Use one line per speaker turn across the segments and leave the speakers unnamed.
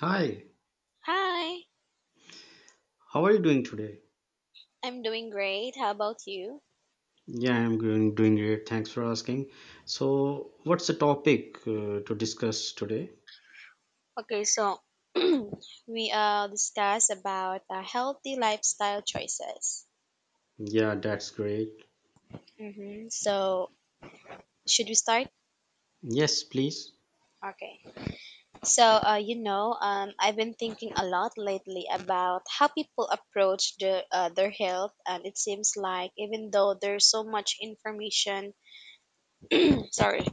Hi,
Hi,
how are you doing today?
I'm doing great. How about you?
Yeah, I'm doing, great. Thanks for asking. So, what's the topic to discuss today?
Okay, so we discuss about healthy lifestyle choices.
Yeah, that's great.
Mm-hmm. So should we start?
Yes, please.
Okay. So I've been thinking a lot lately about how people approach their health, and it seems like even though there's so much information, sorry,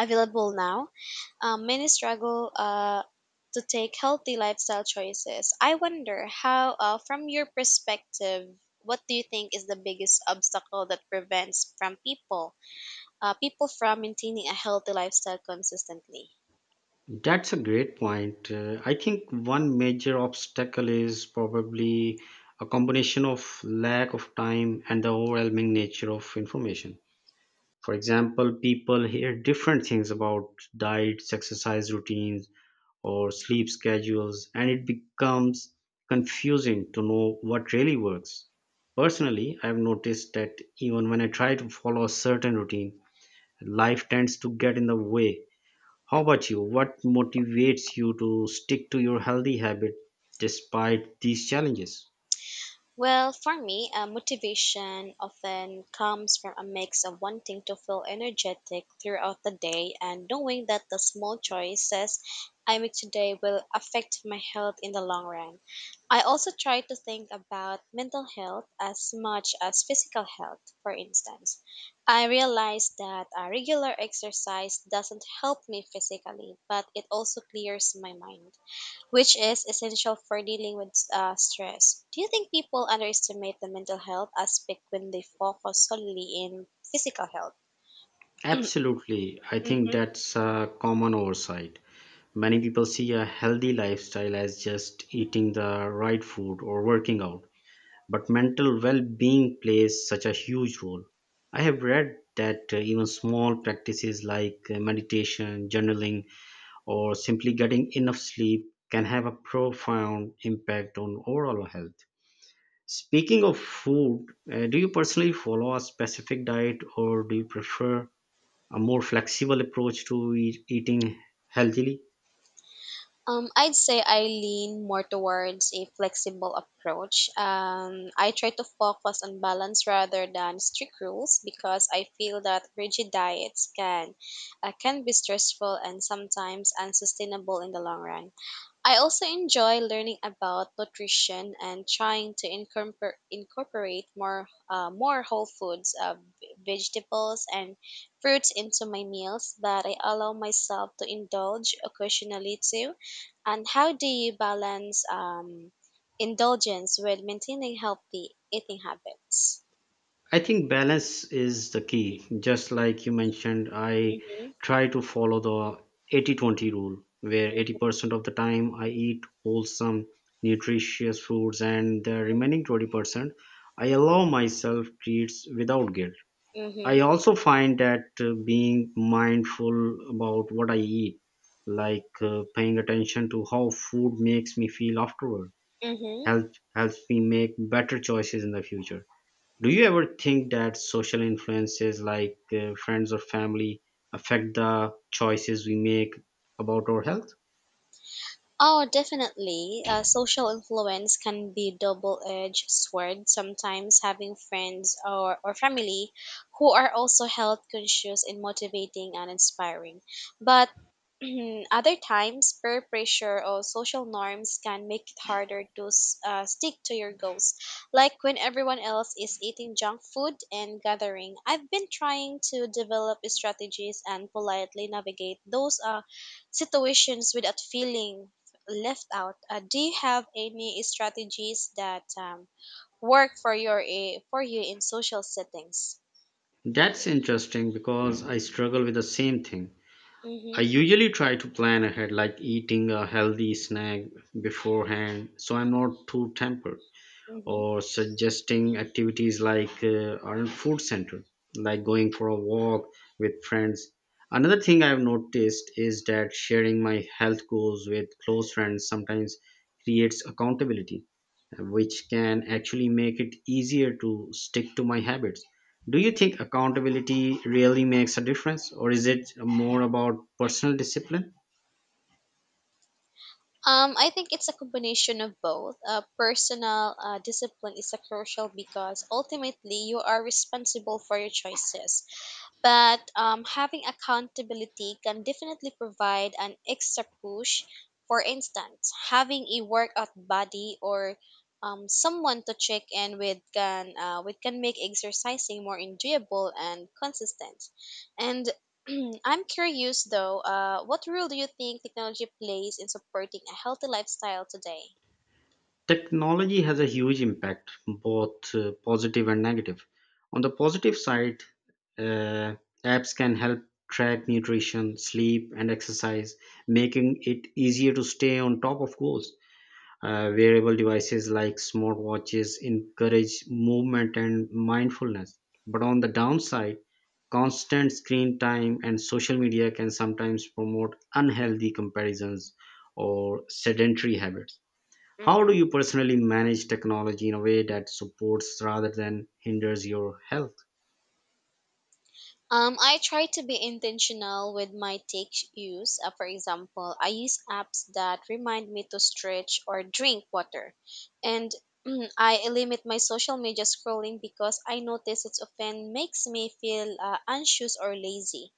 available now, many struggle to take healthy lifestyle choices. I wonder how, from your perspective, what do you think is the biggest obstacle that prevents from people people from maintaining a healthy lifestyle consistently?
That's a great point. I think one major obstacle is probably a combination of lack of time and the overwhelming nature of information. For example, people hear different things about diets, exercise routines, or sleep schedules, and it becomes confusing to know what really works. Personally, I've noticed that even when I try to follow a certain routine, life tends to get in the way. How about you? What motivates you to stick to your healthy habit despite these challenges?
Well, for me, motivation often comes from a mix of wanting to feel energetic throughout the day and knowing that the small choices I make today will affect my health in the long run. I also try to think about mental health as much as physical health, for instance. I realize that a regular exercise doesn't help me physically, but it also clears my mind, which is essential for dealing with stress. Do you think people underestimate the mental health aspect when they focus solely in physical health?
Absolutely. I think
Hmm.
that's a common oversight. Many people see a healthy lifestyle as just eating the right food or working out, but mental well-being plays such a huge role. I have read that even small practices like meditation, journaling, or simply getting enough sleep can have a profound impact on overall health. Speaking of food, do you personally follow a specific diet, or do you prefer a more flexible approach to eating healthily?
I'd say I lean more towards a flexible approach. I try to focus on balance rather than strict rules because I feel that rigid diets can be stressful and sometimes unsustainable in the long run. I also enjoy learning about nutrition and trying to incorporate more whole foods, vegetables and fruits into my meals. But I allow myself to indulge occasionally too. And how do you balance indulgence with maintaining healthy eating habits?
I think balance is the key. Just like you mentioned, I
Mm-hmm.
try to follow the 80 20 rule, where 80% of the time I eat wholesome, nutritious foods, and the remaining 20% I allow myself treats without guilt. I
Mm-hmm.
also find that being mindful about what I eat, like paying attention to how food makes me feel afterward,
Mm-hmm.
help, helps me make better choices in the future. Do you ever think that social influences like friends or family affect the choices we make about our health?
Oh, definitely. Social influence can be double-edged sword. Sometimes having friends or family who are also health conscious and motivating and inspiring. But other times, peer pressure or social norms can make it harder to stick to your goals. Like when everyone else is eating junk food and gathering, I've been trying to develop strategies and politely navigate those situations without feeling left out. Do you have any strategies that work for for you in social settings?
That's interesting because I struggle with the same thing. I
Mm-hmm,
usually try to plan ahead, like eating a healthy snack beforehand, so I'm not too tempered,
mm-hmm,
or suggesting activities like on food center, like going for a walk with friends. Another thing I've noticed is that sharing my health goals with close friends sometimes creates accountability, which can actually make it easier to stick to my habits. Do you
mm-hmm.
think accountability really makes a difference, or is it more about personal discipline?
I think it's a combination of both. Personal discipline is a crucial because ultimately you are responsible for your choices. But having accountability can definitely provide an extra push. For instance, having a workout buddy or someone to check in with can make exercising more enjoyable and consistent. And I'm curious though, what role do you think technology plays in supporting a healthy lifestyle today?
Technology has a huge impact, both positive and negative. On the positive side, uh, apps can help track nutrition, sleep, and exercise, making it easier to stay on top of goals. Wearable devices like smartwatches encourage movement and mindfulness. But on the downside, constant screen time and social media can sometimes promote unhealthy comparisons or sedentary habits. How
Mm-hmm.
do you personally manage technology in a way that supports rather than hinders your health?
I try to be intentional with my take use. For example, I use apps that remind me to stretch or drink water. And I limit my social media scrolling because I notice it often makes me feel anxious or lazy.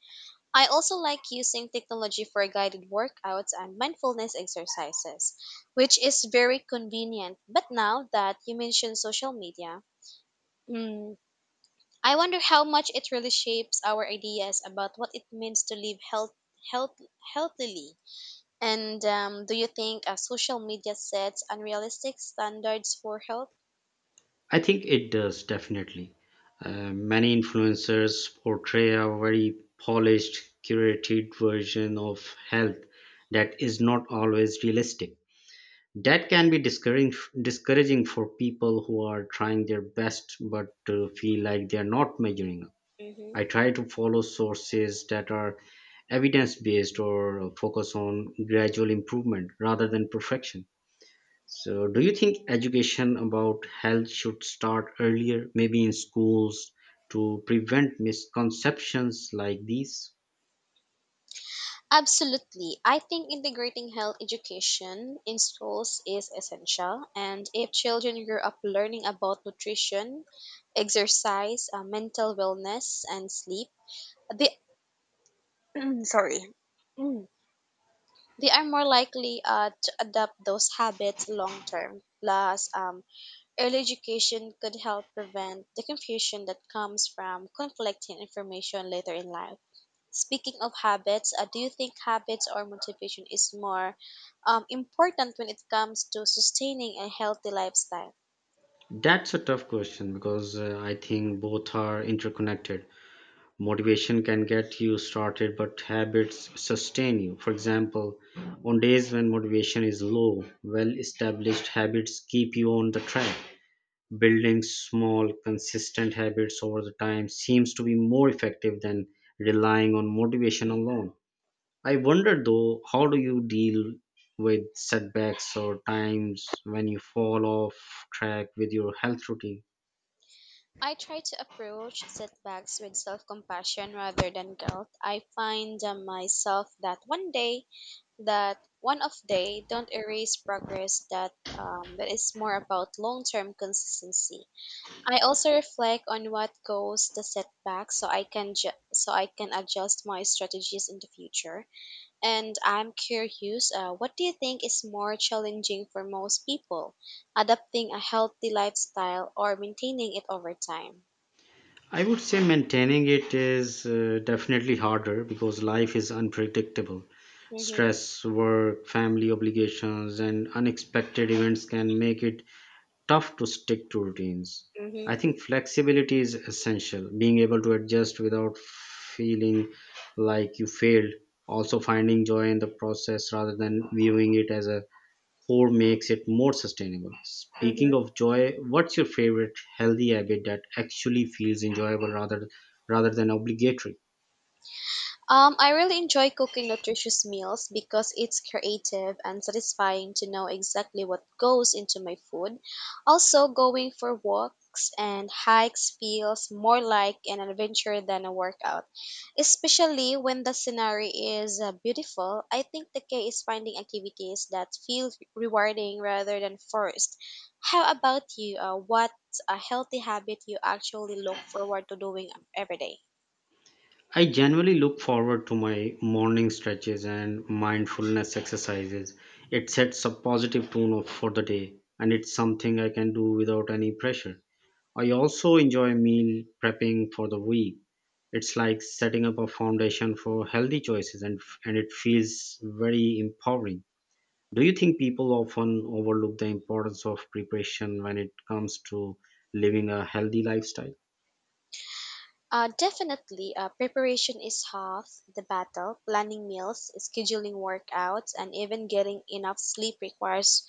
I also like using technology for guided workouts and mindfulness exercises, which is very convenient. But now that you mentioned social media, mm, I wonder how much it really shapes our ideas about what it means to live health, healthily. And do you think social media sets unrealistic standards for health?
I think it does, definitely. Many influencers portray a very polished, curated version of health that is not always realistic. That can be discouraging for people who are trying their best but feel like they are not measuring up.
Hmm.
I try to follow sources that are evidence based or focus on gradual improvement rather than perfection. So, do you think education about health should start earlier, maybe in schools, to prevent misconceptions like these?
Absolutely. I think integrating health education in schools is essential. And if children grow up learning about nutrition, exercise, mental wellness, and sleep, they, sorry, they are more likely to adopt those habits long term. Plus, early education could help prevent the confusion that comes from conflicting information later in life. Speaking of habits, do you think habits or motivation is more important when it comes to sustaining a healthy lifestyle?
That's a tough question because I think both are interconnected. Motivation can get you started, but habits sustain you. For example, on days when motivation is low, well established habits keep you on the track. Building small, consistent habits over the time seems to be more effective than relying on motivation alone. I wonder though, how do you deal with setbacks or times when you fall off track with your health routine?
I try to approach setbacks with self compassion rather than guilt. I find myself that one day that one of day don't erase progress that is more about long-term consistency. I also reflect on what goes the setback so I can adjust my strategies in the future. And I'm curious, what do you think is more challenging for most people, adapting a healthy lifestyle or maintaining it over time?
I would say maintaining it is definitely harder because life is unpredictable.
Mm-hmm.
Stress, work, family obligations, and unexpected events can make it tough to stick to routines. I
Mm-hmm.
think flexibility is essential, being able to adjust without feeling like you failed, also finding joy in the process rather than viewing it as a core makes it more sustainable. Speaking of joy, what's your favorite healthy habit that actually feels enjoyable rather than obligatory?
I really enjoy cooking nutritious meals because it's creative and satisfying to know exactly what goes into my food. Also, going for walks and hikes feels more like an adventure than a workout, especially when the scenery is beautiful. I think the key is finding activities that feel rewarding rather than forced. How about you? What a healthy habit you actually look forward to doing every day?
I generally look forward to my morning stretches and mindfulness exercises. It sets a positive tone for the day, and it's something I can do without any pressure. I also enjoy meal prepping for the week. It's like setting up a foundation for healthy choices, and it feels very empowering. Do you think people often overlook the importance of preparation when it comes to living a healthy lifestyle?
Definitely, preparation is half the battle. Planning meals, scheduling workouts, and even getting enough sleep requires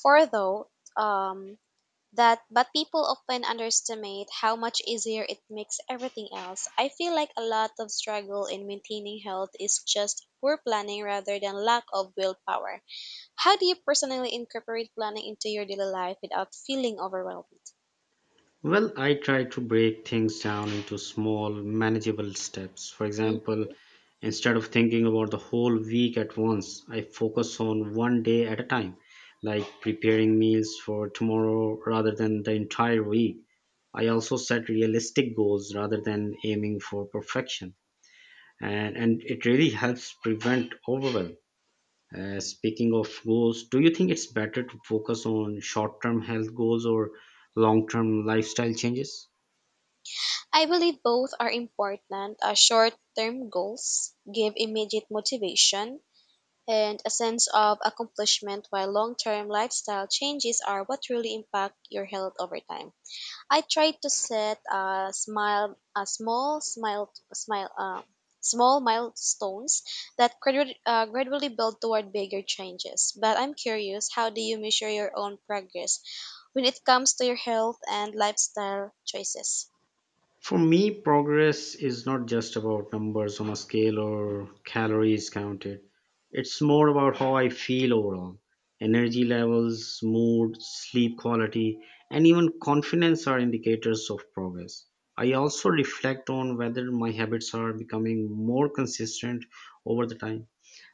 for though um, that. But people often underestimate how much easier it makes everything else. I feel like a lot of struggle in maintaining health is just poor planning rather than lack of willpower. How do you personally incorporate planning into your daily life without feeling overwhelmed?
Well, I try to break things down into small, manageable steps. For example, instead of thinking about the whole week at once, I focus on one day at a time, like preparing meals for tomorrow rather than the entire week. I also set realistic goals rather than aiming for perfection, and it really helps prevent overwhelm. Speaking of goals, do you think it's better to focus on short term health goals or long term lifestyle changes?
I believe both are important. Short term goals give immediate motivation and a sense of accomplishment, while long term lifestyle changes are what really impact your health over time. I try to set a smile, a small smile, smile, small milestones that gradually build toward bigger changes. But I'm curious, how do you measure your own progress when it comes to your health and lifestyle choices?
For me, progress is not just about numbers on a scale or calories counted. It's more about how I feel overall. Energy levels, mood, sleep quality, and even confidence are indicators of progress. I also reflect on whether my habits are becoming more consistent over the time.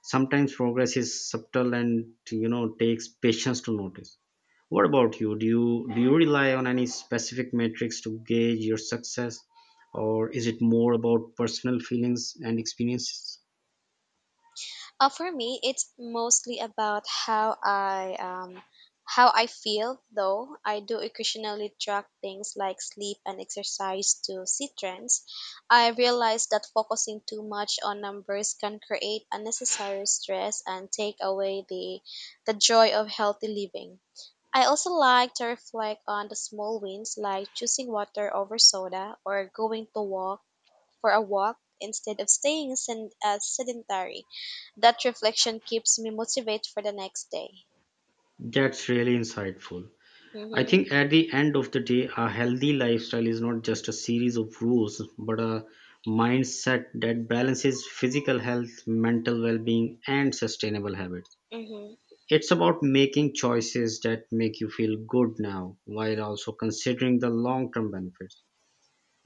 Sometimes progress is subtle and you know takes patience to notice. What about you? Do you rely on any specific metrics to gauge your success, or is it more about personal feelings and experiences?
For me, it's mostly about how I feel. Though I do occasionally track things like sleep and exercise to see trends, I realize that focusing too much on numbers can create unnecessary stress and take away the joy of healthy living. I also like to reflect on the small wins, like choosing water over soda, or going to walk for a walk instead of staying sedentary. That reflection keeps me motivated for the next day.
That's really insightful. I
Mhm.
think at the end of the day, a healthy lifestyle is not just a series of rules, but a mindset that balances physical health, mental well being, and sustainable habits.
Mhm.
It's about making choices that make you feel good now while also considering the long term benefits.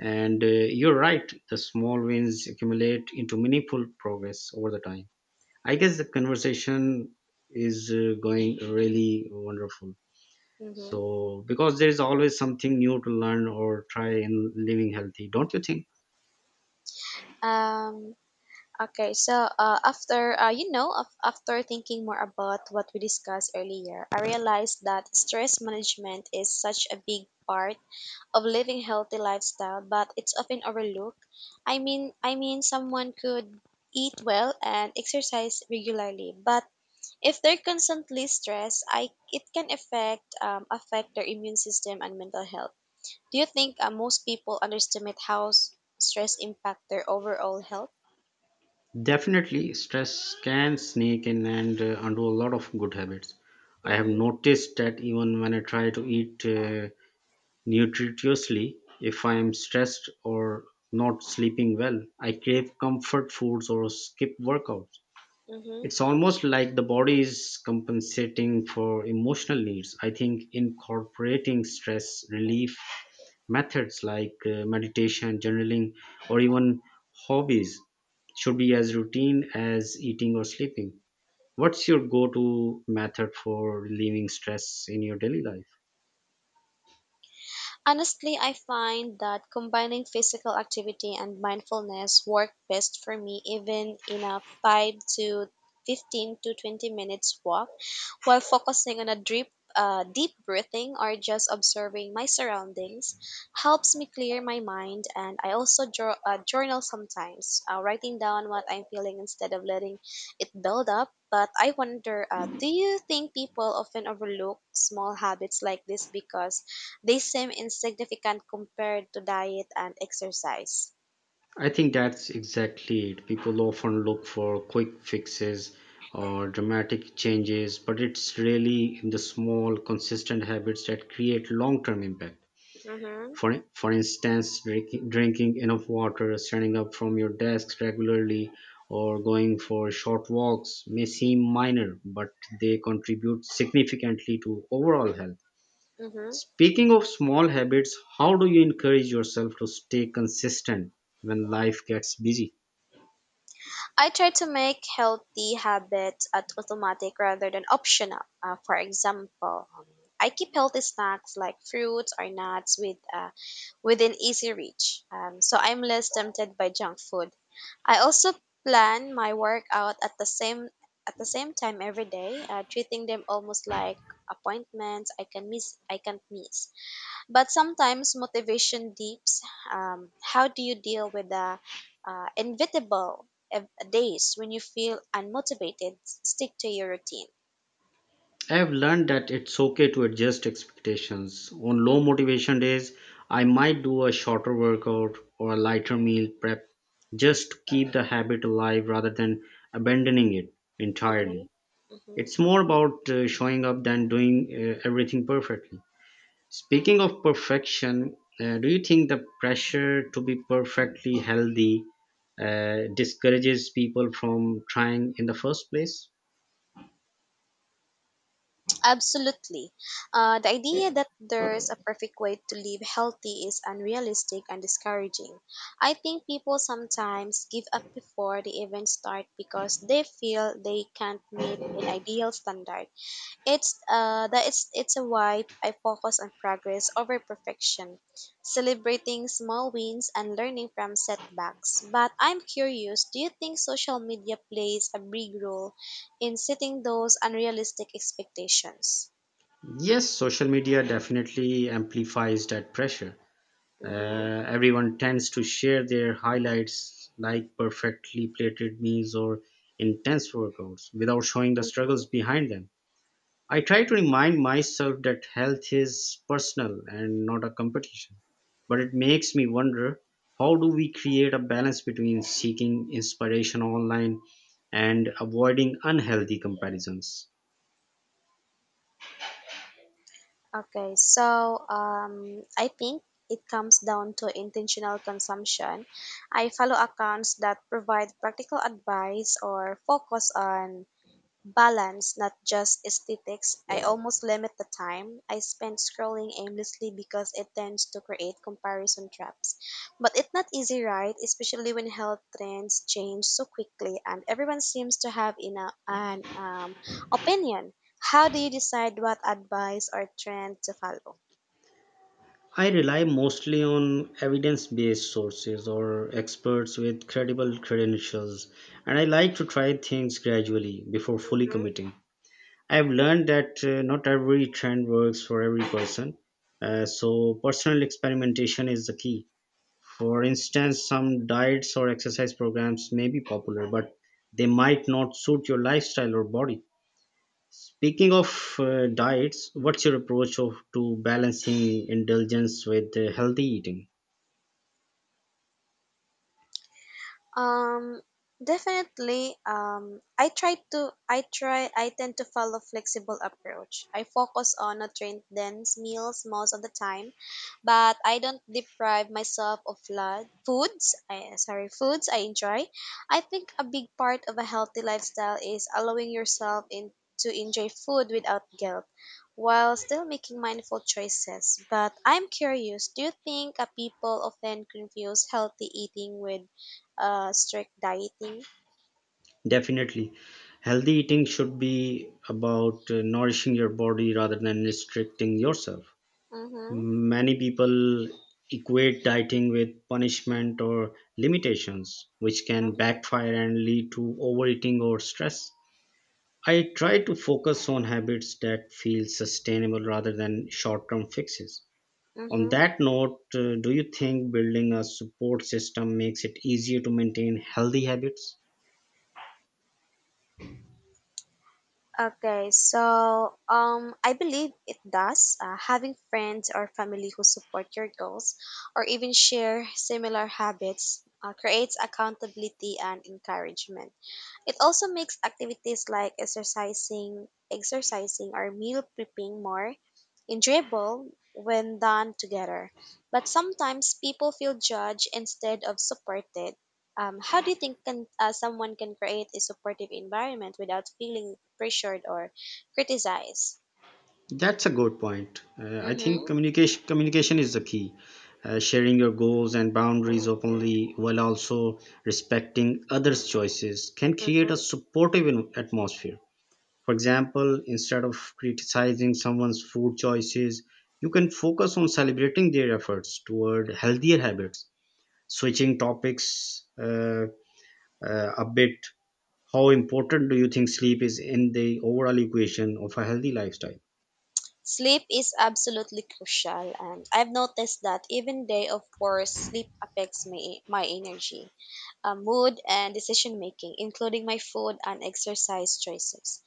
And you're right, the small wins accumulate into meaningful progress over the time. I guess the conversation is going really wonderful.
Mhm.
So, because there is always something new to learn or try in living healthy, don't you think?
Um. Okay. So, after after thinking more about what we discussed earlier, I realized that stress management is such a big part of living healthy lifestyle, but it's often overlooked. I mean, someone could eat well and exercise regularly, but if they're constantly stressed, I it can affect their immune system and mental health. Do you think most people underestimate how stress impact their overall health?
Definitely, stress can sneak in and undo a lot of good habits. I have
Mm-hmm.
noticed that even when I try to eat nutritiously, if I am stressed or not sleeping well, I crave comfort foods or skip workouts.
Mm-hmm.
It's almost like the body is compensating for emotional needs. I think incorporating stress relief methods like meditation, journaling, or even hobbies should be as routine as eating or sleeping. What's your go to method for relieving stress in your daily life?
Honestly, I find that combining physical activity and mindfulness work best for me, even in a 5 to 15 to 20 minutes walk, while focusing on a deep breathing or just observing my surroundings, helps me clear my mind. And I also draw, journal sometimes, writing down what I'm feeling instead of letting it build up. But I wonder, do you think people often overlook small habits like this because they seem insignificant compared to diet and exercise?
I think that's exactly it. People often look for quick fixes or dramatic changes, but it's really in the small, consistent habits that create long term impact.
Mhm.
For instance, drinking enough water, standing up from your desk regularly, or going for short walks may seem minor, but they contribute significantly to overall health.
Mhm.
Speaking of small habits, how do you encourage yourself to stay consistent when life gets busy?
I try to make healthy habits at automatic rather than optional. For example, I keep healthy snacks like fruits or nuts within easy reach, so I'm less tempted by junk food. I also plan my workout at the same time every day, treating them almost like appointments I can't miss. But sometimes motivation dips. How do you deal with the inevitable days when you feel unmotivated? Stick to your routine.
I've learned that it's okay to adjust expectations. On low motivation days, I might do a shorter workout or a lighter meal prep just to keep the habit alive rather than abandoning it entirely.
Hmm. Hmm.
It's more about showing up than doing everything perfectly. Speaking of perfection, do you think the pressure to be perfectly healthy discourages people from trying in the first place?
Absolutely. The idea that there's a perfect way to live healthy is unrealistic and discouraging. I think people sometimes give up before they even start because they feel they can't meet an ideal standard. It's that it's a why I focus on progress over perfection, celebrating small wins and learning from setbacks. But I'm curious, do you think social media plays a big role in setting those unrealistic expectations?
Yes, social media definitely amplifies that pressure.
Mm-hmm.
Everyone tends to share their highlights, like perfectly plated meals or intense workouts, without showing the struggles
Mm-hmm.
behind them. I try to remind myself that health is personal and not a competition, but it makes me wonder, how do we create a balance between seeking inspiration online and avoiding unhealthy comparisons?
Okay, so I think it comes down to intentional consumption. I follow accounts that provide practical advice or focus on balance, not just aesthetics. I almost limit the time I spend scrolling aimlessly because it tends to create comparison traps. But it's not easy, right? Especially when health trends change so quickly and everyone seems to have an opinion. How do you decide what advice or trend to follow?
I rely mostly on evidence based sources or experts with credible credentials, and I like to try things gradually before fully committing. I've learned that not every trend works for every person, so personal experimentation is the key. For instance, some diets or exercise programs may be popular, but they might not suit your lifestyle or body. Speaking of diets, what's your approach to balancing indulgence with healthy eating?
Um, Definitely. I try to. I try. I tend to follow flexible approach. I focus on nutrient dense meals most of the time, but I don't deprive myself of flood foods. I, sorry, foods I enjoy. I think a big part of a healthy lifestyle is allowing yourself in to enjoy food without guilt while still making mindful choices. But I'm curious, do you think people often confuse healthy eating with strict dieting?
Definitely. Healthy eating should be about nourishing your body rather than restricting yourself.
Mm-hmm.
Many people equate dieting with punishment or limitations, which can
Mm-hmm.
backfire and lead to overeating or stress. I try to focus on habits that feel sustainable rather than short term fixes. On
Mm-hmm.
that note, do you think building a support system makes it easier to maintain healthy habits?
Okay, so I believe it does. Having friends or family who support your goals or even share similar habits creates accountability and encouragement. It also makes activities like exercising or meal prepping more enjoyable when done together. But sometimes people feel judged instead of supported. How do you think someone can create a supportive environment without feeling pressured or criticized?
That's a good point. I think
Mm-hmm.
communication is the key. Sharing your goals and boundaries openly while also respecting others' choices can create
Mm-hmm.
a supportive atmosphere. For example, instead of criticizing someone's food choices, you can focus on celebrating their efforts toward healthier habits. Switching topics, a bit, how important do you think sleep is in the overall equation of a healthy lifestyle?
Sleep is absolutely crucial, and I've noticed that even day of course, sleep affects me my energy mood, and decision making, including my food and exercise choices.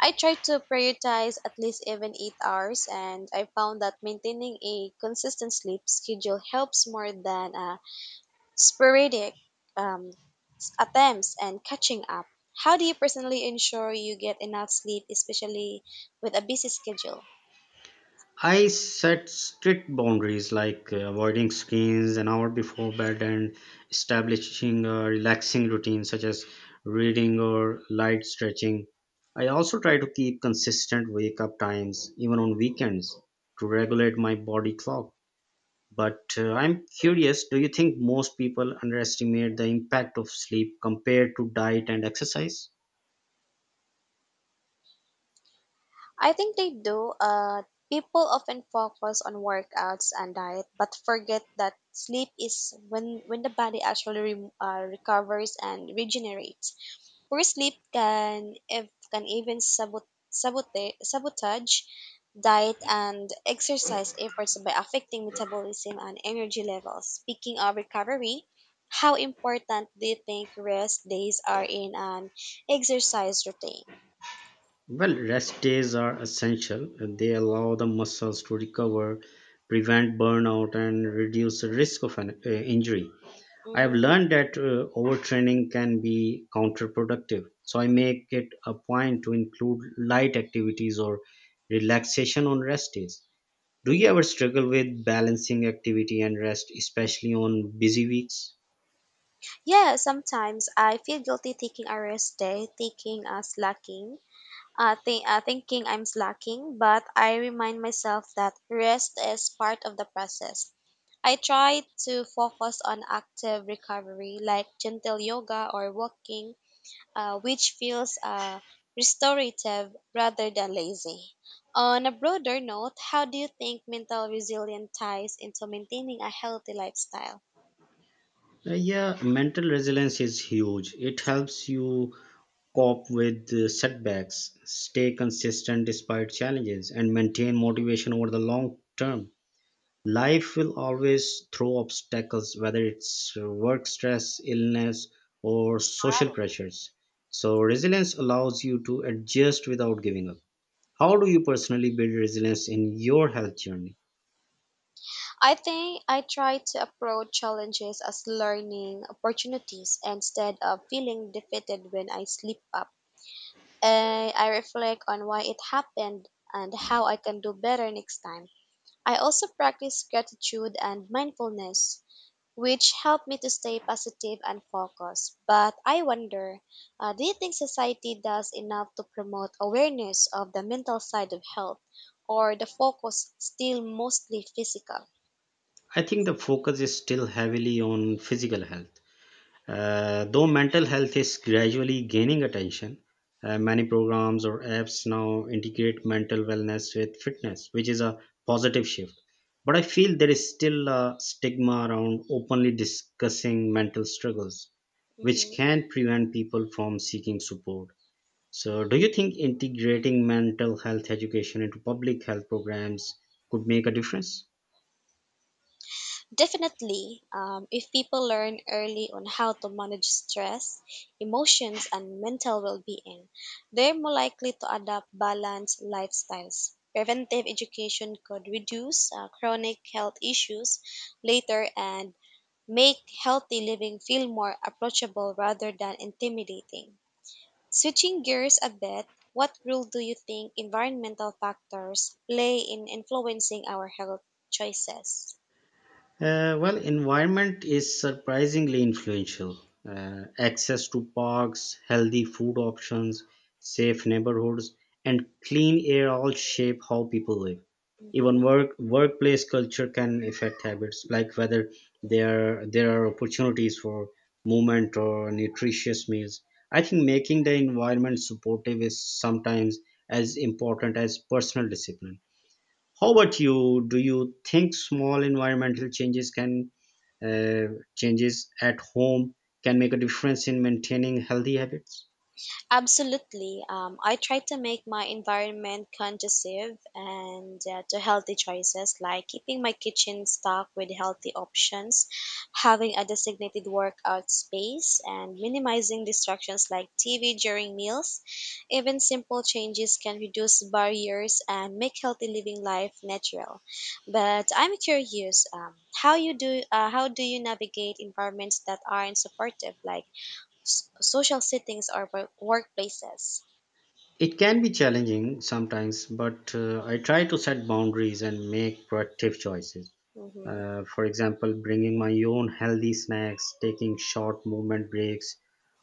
I try to prioritize at least even 8 hours, and I found that maintaining a consistent sleep schedule helps more than sporadic um, attempts and catching up. How do you personally ensure you get enough sleep, especially with a busy schedule?
I set strict boundaries like avoiding screens an hour before bed and establishing a relaxing routine such as reading or light stretching. I also try to keep consistent wake up times even on weekends to regulate my body clock. But I'm curious, do you think most people underestimate the impact of sleep compared to diet and exercise?
I think they do. People often focus on workouts and diet, but forget that sleep is when the body actually recovers and regenerates. Poor sleep can if can even sabotage diet and exercise efforts by affecting metabolism and energy levels. Speaking of recovery, how important do you think rest days are in an exercise routine?
Well, rest days are essential. They allow the muscles to recover, prevent burnout, and reduce the risk of an injury. I have
Mm-hmm.
learned that overtraining can be counterproductive, so I make it a point to include light activities or relaxation on rest days. Do you
Mm-hmm.
ever struggle with balancing activity and rest, especially on busy weeks?
Yeah, sometimes I feel guilty taking a rest day, taking a slacking, th- thinking I'm slacking, but I remind myself that rest is part of the process. I try to focus on active recovery, like gentle yoga or walking, which feels restorative rather than lazy. On a broader note, how do you think mental resilience ties into maintaining a healthy lifestyle?
Yeah, mental resilience is huge. It helps you cope with setbacks, stay consistent despite challenges, and maintain motivation over the long term. Life will always throw obstacles, whether it's work stress, illness, or social pressures. So, resilience allows you to adjust without giving up. How do you personally build resilience in your health journey?
I think I try to approach challenges as learning opportunities instead of feeling defeated when I slip up. And I reflect on why it happened and how I can do better next time. I also practice gratitude and mindfulness, which help me to stay positive and focused. But I wonder, do you think society does enough to promote awareness of the mental side of health, or the focus still mostly physical?
I think the focus is still heavily on physical health. Though mental health is gradually gaining attention, many programs or apps now integrate mental wellness with fitness, which is a positive shift. But I feel there is still a stigma around openly discussing mental struggles,
Hmm.
which can prevent people from seeking support. So, do you think integrating mental health education into public health programs could make a difference?
Definitely. If people learn early on how to manage stress, emotions, and mental well being, they're more likely to adopt balanced lifestyles. Preventive education could reduce chronic health issues later and make healthy living feel more approachable rather than intimidating. Switching gears a bit, what role do you think environmental factors play in influencing our health choices?
Well, environment is surprisingly influential. Access to parks, healthy food options, safe neighborhoods, and clean air all shape how people live. Even
Mhm.
workplace culture can affect habits, like whether there are opportunities for movement or nutritious meals. I think making the environment supportive is sometimes as important as personal discipline. How about you? Do you think small environmental changes can changes at home can make a difference in maintaining healthy habits?
Absolutely. I try to make my environment conducive and to healthy choices, like keeping my kitchen stocked with healthy options, having a designated workout space, and minimizing distractions like TV during meals. Even simple changes can reduce barriers and make healthy living life natural. But I'm curious, how do you navigate environments that aren't supportive, like social settings or workplaces.
It can be challenging sometimes, but I try to set boundaries and make proactive choices.
Mhm.
For example, bringing my own healthy snacks, taking short movement breaks,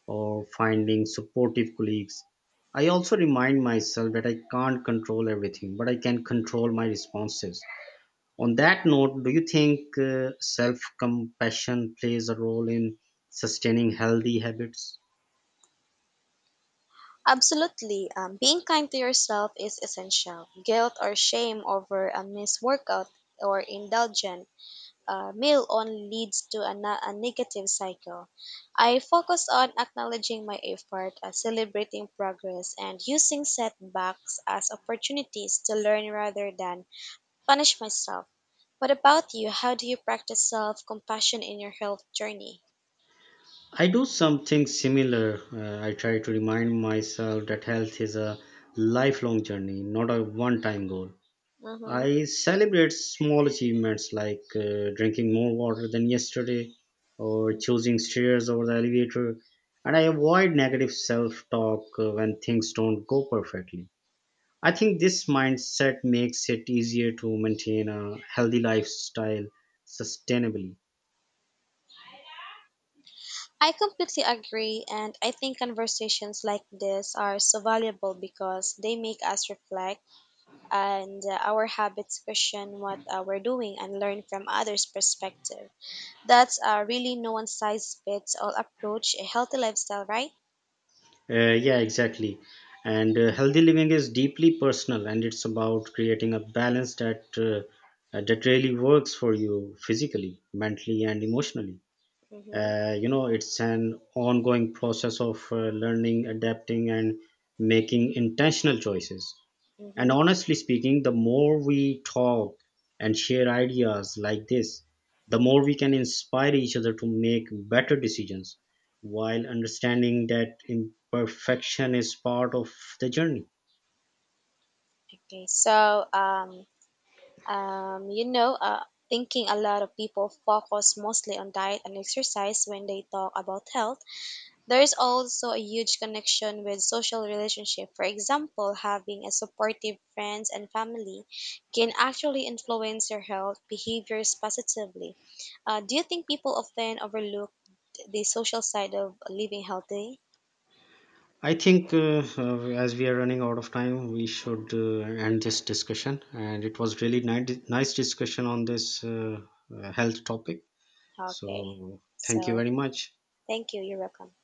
or finding supportive colleagues. I also remind myself that I can't control everything, but I can control my responses. On that note, do you think self compassion plays a role in sustaining healthy habits?
Absolutely. Being kind to yourself is essential. Guilt or shame over a missed workout or indulgent meal only leads to a negative cycle. I focus on acknowledging my effort, celebrating progress, and using setbacks as opportunities to learn rather than punish myself. What about you? How do you practice self compassion in your health journey?
I do something similar. I try to remind myself that health is a lifelong journey, not a one time goal.
Mm-hmm.
I celebrate small achievements like drinking more water than yesterday or choosing stairs over the elevator, and I avoid negative self talk when things don't go perfectly. I think this mindset makes it easier to maintain a healthy lifestyle sustainably.
I completely agree, and I think conversations like this are so valuable because they make us reflect and our habits question what we're doing and learn from others' perspective. That's really no one size fits all approach, a healthy lifestyle, right?
Yeah, exactly. And healthy living is deeply personal, and it's about creating a balance that that really works for you physically, mentally, and emotionally.
Mm-hmm.
You know, it's an ongoing process of learning, adapting, and making intentional choices. And
Mm-hmm.
honestly speaking, the more we talk and share ideas like this, the more we can inspire each other to make better decisions while understanding that imperfection is part of the journey.
Okay, so um, you know, uh, thinking a lot of people focus mostly on diet and exercise when they talk about health. There is also a huge connection with social relationship. For example, having a supportive friends and family can actually influence your health behaviors positively. Do you think people often overlook the social side of living healthy?
I think as we are running out of time, we should end this discussion. And it was really nice discussion on this health topic.
Okay,
So, thank you
so
very much.
thank you. You're welcome.